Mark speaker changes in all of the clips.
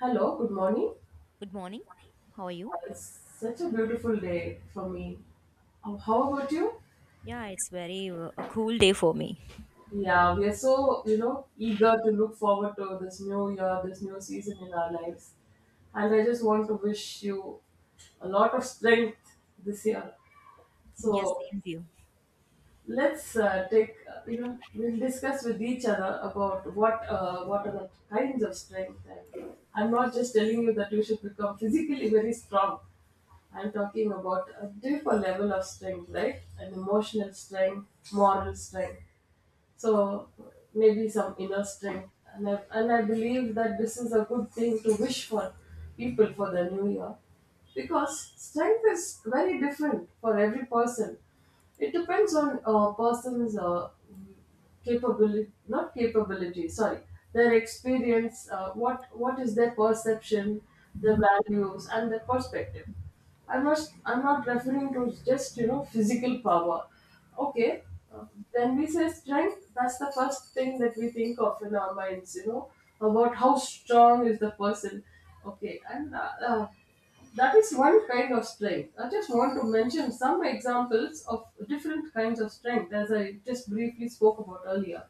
Speaker 1: Hello, good morning.
Speaker 2: Good morning. How are you?
Speaker 1: It's such a beautiful day for me. Oh, how about you?
Speaker 2: Yeah, it's very a cool day for me.
Speaker 1: Yeah, we are so, eager to look forward to this new year, this new season in our lives. And I just want to wish you a lot of strength this year.
Speaker 2: Yes,
Speaker 1: So,
Speaker 2: same view.
Speaker 1: let's take uh, we'll discuss with each other about what are the kinds of strength. And I'm not just telling you that you should become physically very strong. I'm talking about a different level of strength, right? An emotional strength, moral strength, so maybe some inner strength. And I believe that this is a good thing to wish for people for the new year, because strength is very different for every person. It depends on a person's capability. Not capability, sorry, their experience. What is their perception, their values, and their perspective. I must. I'm not referring to just, you know, physical power. Okay. uh, when we say strength, that's the first thing that we think of in our minds, you know, about how strong is the person. Okay. And that is one kind of strength. I just want to mention some examples of different kinds of strength, as I just briefly spoke about earlier.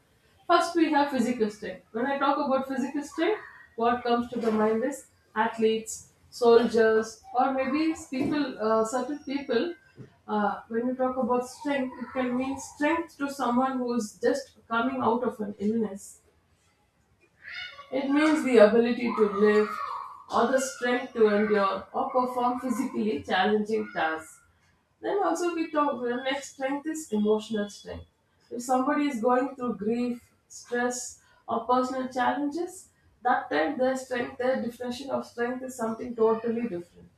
Speaker 1: First, we have physical strength. When I talk about physical strength, what comes to the mind is athletes, soldiers, or maybe certain people. When you talk about strength, it can mean strength to someone who is just coming out of an illness. It means the ability to lift, or the strength to endure, or perform physically challenging tasks. Then also we talk, the next strength is emotional strength. If somebody is going through grief, stress, or personal challenges, that time their strength, their definition of strength is something totally different.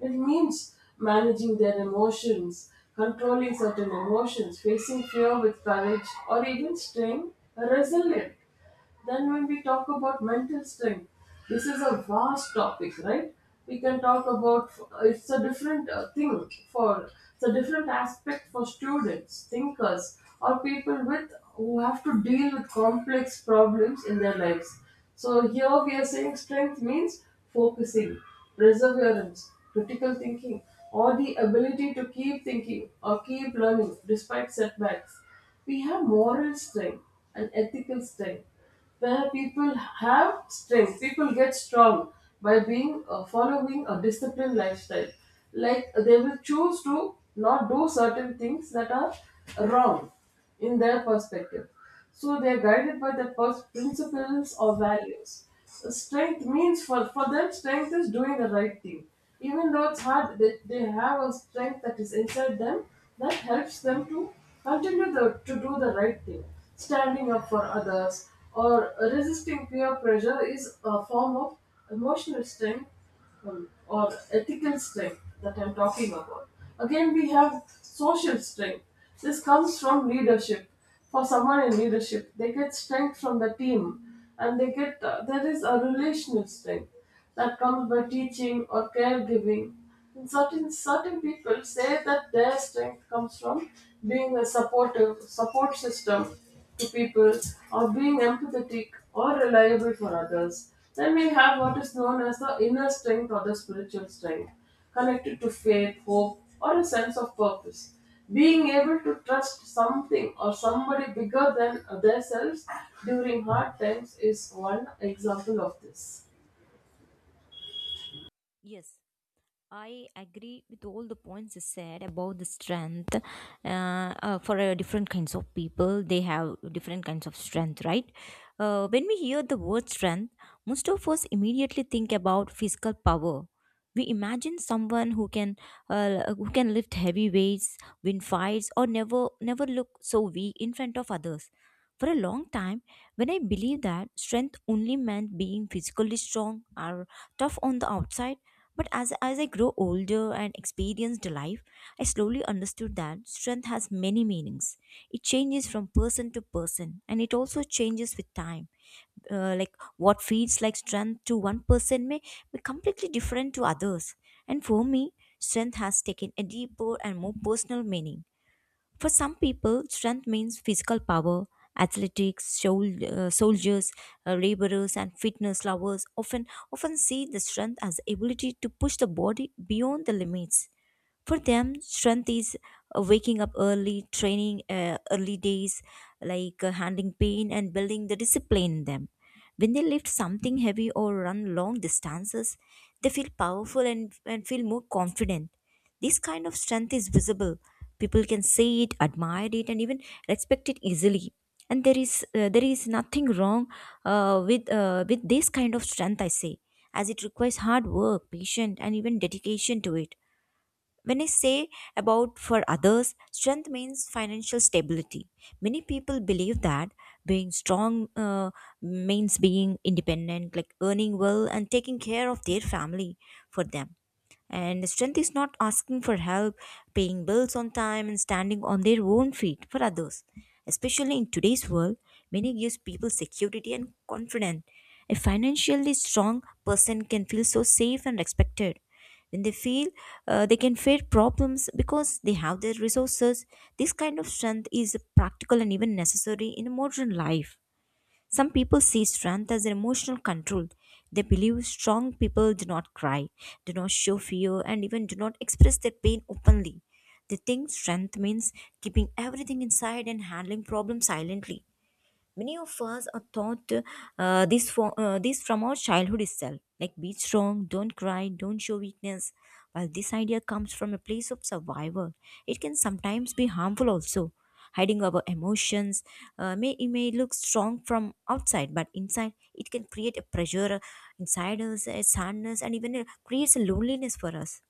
Speaker 1: It means managing their emotions, controlling certain emotions, facing fear with courage, or even staying resilient. Then, when we talk about mental strength, this is a vast topic, right? We can talk about, it's a different aspect for students, thinkers, or people with who have to deal with complex problems in their lives. So here we are saying strength means focusing, perseverance, critical thinking, or the ability to keep thinking or keep learning despite setbacks. We have moral strength and ethical strength, where people have strength, people get strong by being following a disciplined lifestyle, like they will choose to not do certain things that are wrong in their perspective. So they are guided by the principles or values. Strength means, for them, strength is doing the right thing. Even though it's hard, they have a strength that is inside them that helps them to continue to do the right thing. Standing up for others or resisting peer pressure is a form of emotional strength, or ethical strength, that I'm talking about. Again, we have social strength. This comes from leadership. For someone in leadership, they get strength from the team, and they get there is a relational strength that comes by teaching or caregiving. And certain people say that their strength comes from being a support system to people, or being empathetic or reliable for others. Then we have what is known as the inner strength or the spiritual strength, connected to faith, hope, or a sense of purpose. Being able to trust something or somebody bigger than themselves during hard times is one example of this.
Speaker 2: Yes, I agree with all the points you said about the strength. For different kinds of people, they have different kinds of strength, right? When we hear the word strength, most of us immediately think about physical power. We imagine someone who can lift heavy weights, win fights, or never look so weak in front of others. For a long time, when I believed that strength only meant being physically strong or tough on the outside, but as I grow older and experienced life, I slowly understood that strength has many meanings. It changes from person to person and it also changes with time. Like what feels like strength to one person may be completely different to others. And for me, strength has taken a deeper and more personal meaning. For some people, strength means physical power. Athletics, soldiers, laborers, and fitness lovers often see the strength as the ability to push the body beyond the limits. For them, strength is waking up early, training early days, like handling pain and building the discipline in them. When they lift something heavy or run long distances, they feel powerful and, feel more confident. This kind of strength is visible. People can see it, admire it, and even respect it easily. And there is nothing wrong with this kind of strength, I say, as it requires hard work, patience, and even dedication to it when I say about for others, strength means financial stability. Many people believe that being strong means being independent, like earning well and taking care of their family for them. And strength is not asking for help, paying bills on time, and standing on their own feet for others. Especially in today's world, money gives people security and confidence. A financially strong person can feel so safe and respected when they feel they can face problems because they have their resources. This kind of strength is practical and even necessary in modern life. Some people see strength as emotional control. They believe strong people do not cry, do not show fear, and even do not express their pain openly. They think strength means keeping everything inside and handling problems silently. Many of us are taught this from our childhood itself, like be strong, don't cry, don't show weakness. While this idea comes from a place of survival, it can sometimes be harmful also. Hiding our emotions may look strong from outside, but inside it can create a pressure inside us, a sadness, and even creates a loneliness for us.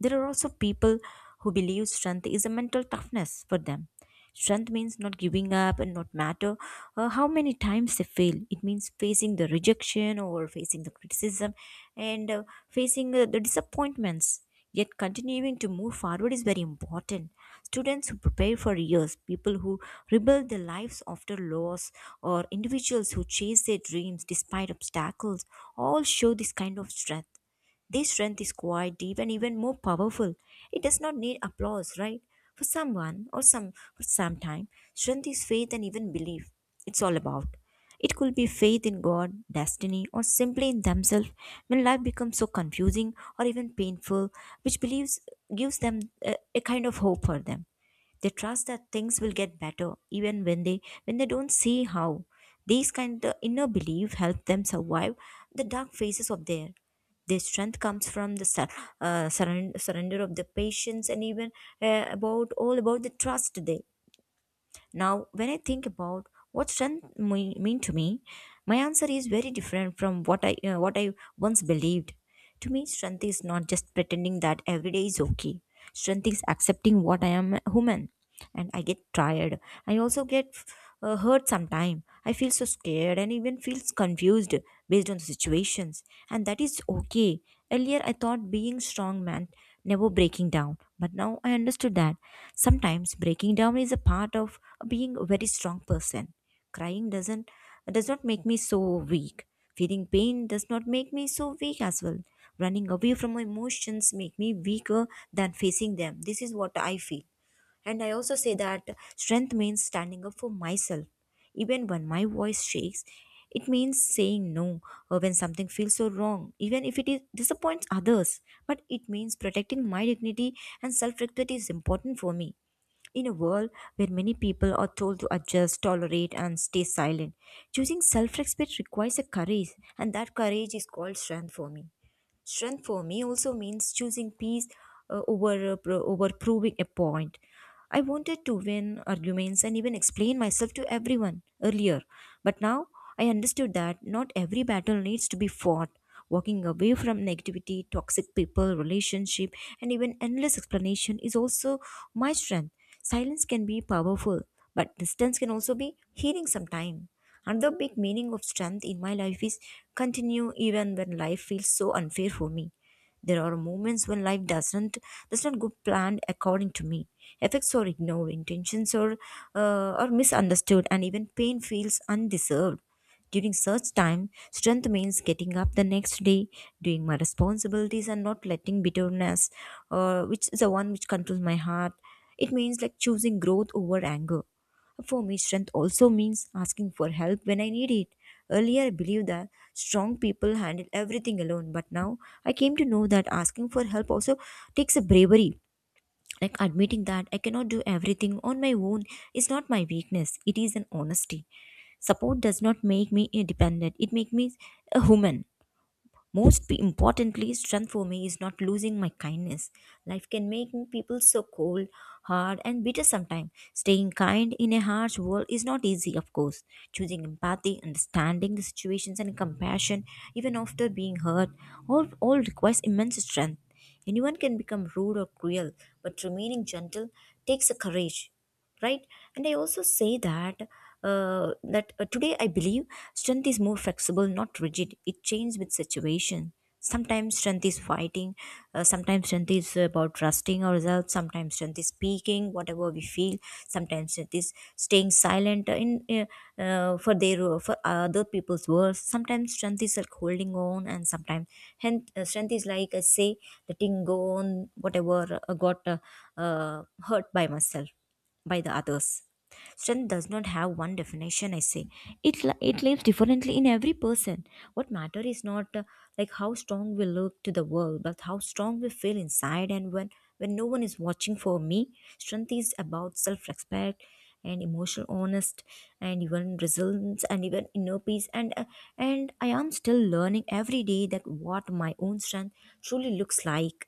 Speaker 2: There are also people who believe strength is a mental toughness for them. Strength means not giving up and not matter how many times they fail. It means facing the rejection or facing the criticism and facing the disappointments. Yet continuing to move forward is very important. Students who prepare for years, people who rebuild their lives after loss, or individuals who chase their dreams despite obstacles all show this kind of strength. This strength is quite deep and even more powerful. It does not need applause, right? For someone or some for some time, strength is faith and even belief. It's all about. It could be faith in God, destiny, or simply in themselves when life becomes so confusing or even painful, which believes gives them a kind of hope for them. They trust that things will get better even when they don't see how. These kind of inner belief help them survive the dark phases of their. Their strength comes from the surrender of the patience and even about all about the trust they. Now when I think about what mean to me, my answer is very different from what I once believed. To me, strength is not just pretending that every day is okay. Strength is accepting what I am, human, and I get tired. I also get hurt sometime. I feel so scared and even feels confused based on the situations, and that is okay. Earlier, I thought being strong meant never breaking down, but now I understood that sometimes breaking down is a part of being a very strong person. Crying does not make me so weak. Feeling pain does not make me so weak as well. Running away from my emotions make me weaker than facing them. This is what I feel. And I also say that strength means standing up for myself. Even when my voice shakes, it means saying no or when something feels so wrong, even if it is, disappoints others. But it means protecting my dignity and self respect is important for me. In a world where many people are told to adjust, tolerate, and stay silent, choosing self respect requires a courage, and that courage is called strength for me. Strength for me also means choosing peace over proving a point. I wanted to win arguments and even explain myself to everyone earlier, but now I understood that not every battle needs to be fought. Walking away from negativity, toxic people, relationship, and even endless explanation is also my strength. Silence can be powerful, but distance can also be healing sometimes. Another big meaning of strength in my life is continue even when life feels so unfair for me. There are moments when life does not go planned according to me. Effects are ignored, intentions are misunderstood, and even pain feels undeserved. During such time, strength means getting up the next day, doing my responsibilities, and not letting bitterness, which is the one which controls my heart. It means like choosing growth over anger. For me, strength also means asking for help when I need it. Earlier, I believed that strong people handle everything alone, but now I came to know that asking for help also takes a bravery. Like admitting that I cannot do everything on my own is not my weakness, it is an honesty. Support does not make me independent, it makes me a human. Most importantly, strength for me is not losing my kindness. Life can make people so cold, hard, and bitter sometimes. Staying kind in a harsh world is not easy, of course. Choosing empathy, understanding the situations, and compassion, even after being hurt, all requires immense strength. Anyone can become rude or cruel, but remaining gentle takes a courage, right? And I also say that today I believe strength is more flexible, not rigid. It changes with situation. Sometimes strength is fighting, sometimes strength is about trusting or ourselves, sometimes strength is speaking whatever we feel, sometimes strength is staying silent in uh, uh, for their for other people's words, sometimes strength is like holding on, and sometimes and strength is like I say letting go on whatever got uh, hurt by myself by the others. Strength does not have one definition, I say. It, it lives differently in every person. What matter is not like how strong we look to the world, but how strong we feel inside. And when no one is watching for me, strength is about self respect and emotional honest and even resilience and even inner peace and I am still learning every day that what my own strength truly looks like.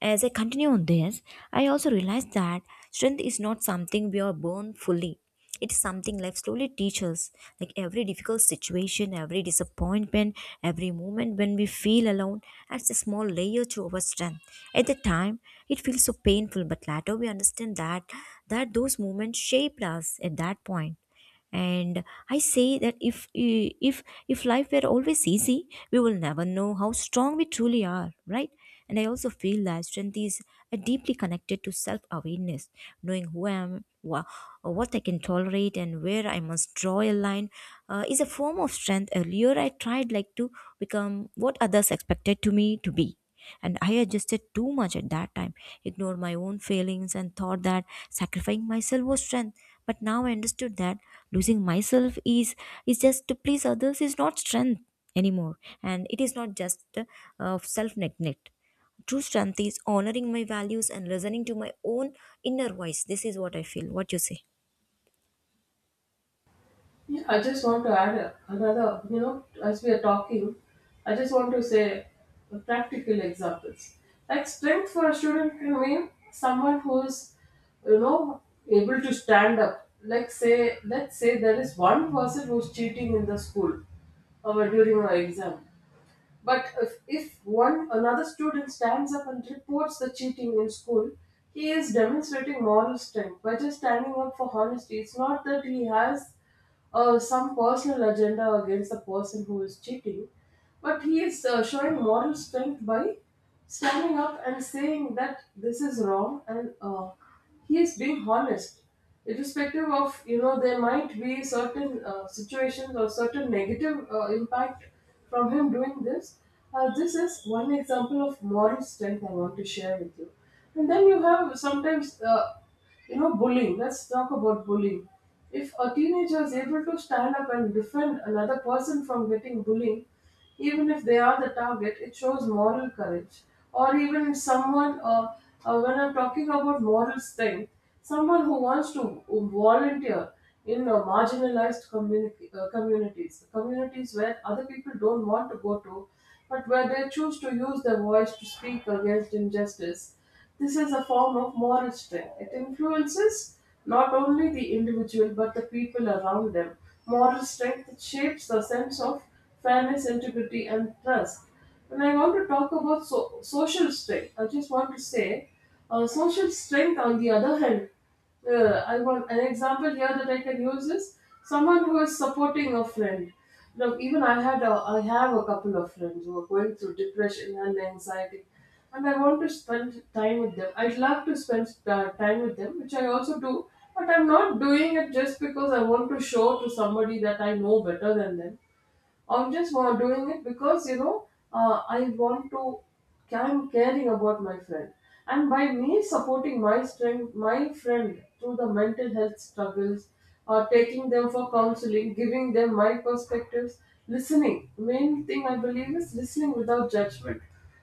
Speaker 2: As I continue on this, I also realized that strength is not something we are born fully. It's something life slowly teaches. Like every difficult situation, every disappointment, every moment when we feel alone adds a small layer to our strength. At the time, it feels so painful, but later we understand that those moments shaped us at that point. And I say that if life were always easy we will never know how strong we truly are, right? And I also feel that strength is deeply connected to self awareness, knowing who I am, what I can tolerate and where I must draw a line, is a form of strength. Earlier I tried like to become what others expected to me to be, and I adjusted too much at that time, ignored my own failings, and thought that sacrificing myself was strength. But now I understood that losing myself is just to please others is not strength anymore, and it is not just self neglect. True strength is honoring my values and listening to my own inner voice. This is what I feel. What you say?
Speaker 1: Yeah, I just want to add another, you know, as we are talking, I just want to say practical examples. Like, strength for a student can mean someone who is, you know, able to stand up. Like, say, let's say there is one person who's cheating in the school or during our exam. But if one another student stands up and reports the cheating in school, he is demonstrating moral strength by just standing up for honesty. It's not that he has some personal agenda against the person who is cheating, but he is showing moral strength by standing up and saying that this is wrong, and he is being honest, irrespective of, you know, there might be certain situations or certain negative impact from him doing this. This is one example of moral strength I want to share with you. And then you have sometimes, you know, bullying, let's talk about bullying. If a teenager is able to stand up and defend another person from getting bullied, even if they are the target, it shows moral courage. Or even someone, when I'm talking about moral strength, someone who wants to volunteer in marginalized communities, communities where other people don't want to go to, but where they choose to use their voice to speak against injustice. This is a form of moral strength. It influences not only the individual but the people around them. Moral strength shapes the sense of fairness, integrity, and trust. When I want to talk about social strength, I just want to say, social strength, on the other hand, I want an example here that I can use is someone who is supporting a friend. Now, even I had a, I have a couple of friends who are going through depression and anxiety, and I want to spend time with them. I'd love to spend time with them, which I also do, but I'm not doing it just because I want to show to somebody that I know better than them. Doing it because, you know, I want to. I'm caring about my friend, and by me my friend through the mental health struggles, taking them for counseling, giving them my perspectives, listening. Main thing, I believe, is listening without judgment,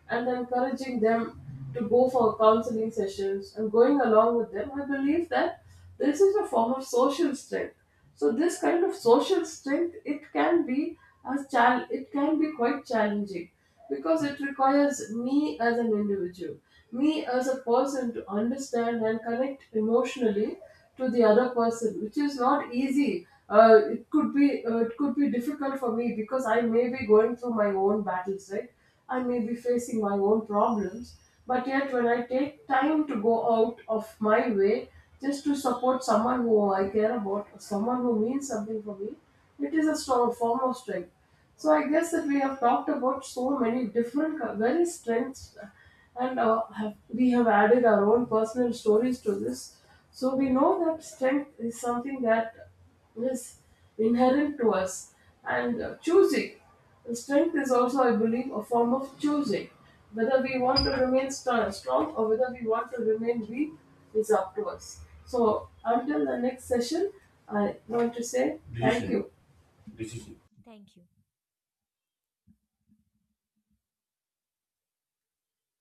Speaker 1: and encouraging them to go for counseling sessions and going along with them. I believe that. This is a form of social strength. So this kind of social strength, it can be, it can be quite challenging, because it requires me as an individual, me as a person, to understand and connect emotionally to the other person, which is not easy. It could be difficult for me, because I may be going through my own battles, right? I may be facing my own problems, but yet when I take time to go out of my way just to support someone who I care about, or someone who means something for me, it is a strong form of strength. So I guess that we have talked about so many different, very strengths, and we have added our own personal stories to this. So we know that strength is something that is inherent to us, and choosing strength is also, I believe, a form of choosing. Whether we want to remain strong or whether we want to remain weak is up to us. So, until the next session, I want to say thank you.
Speaker 2: Thank you.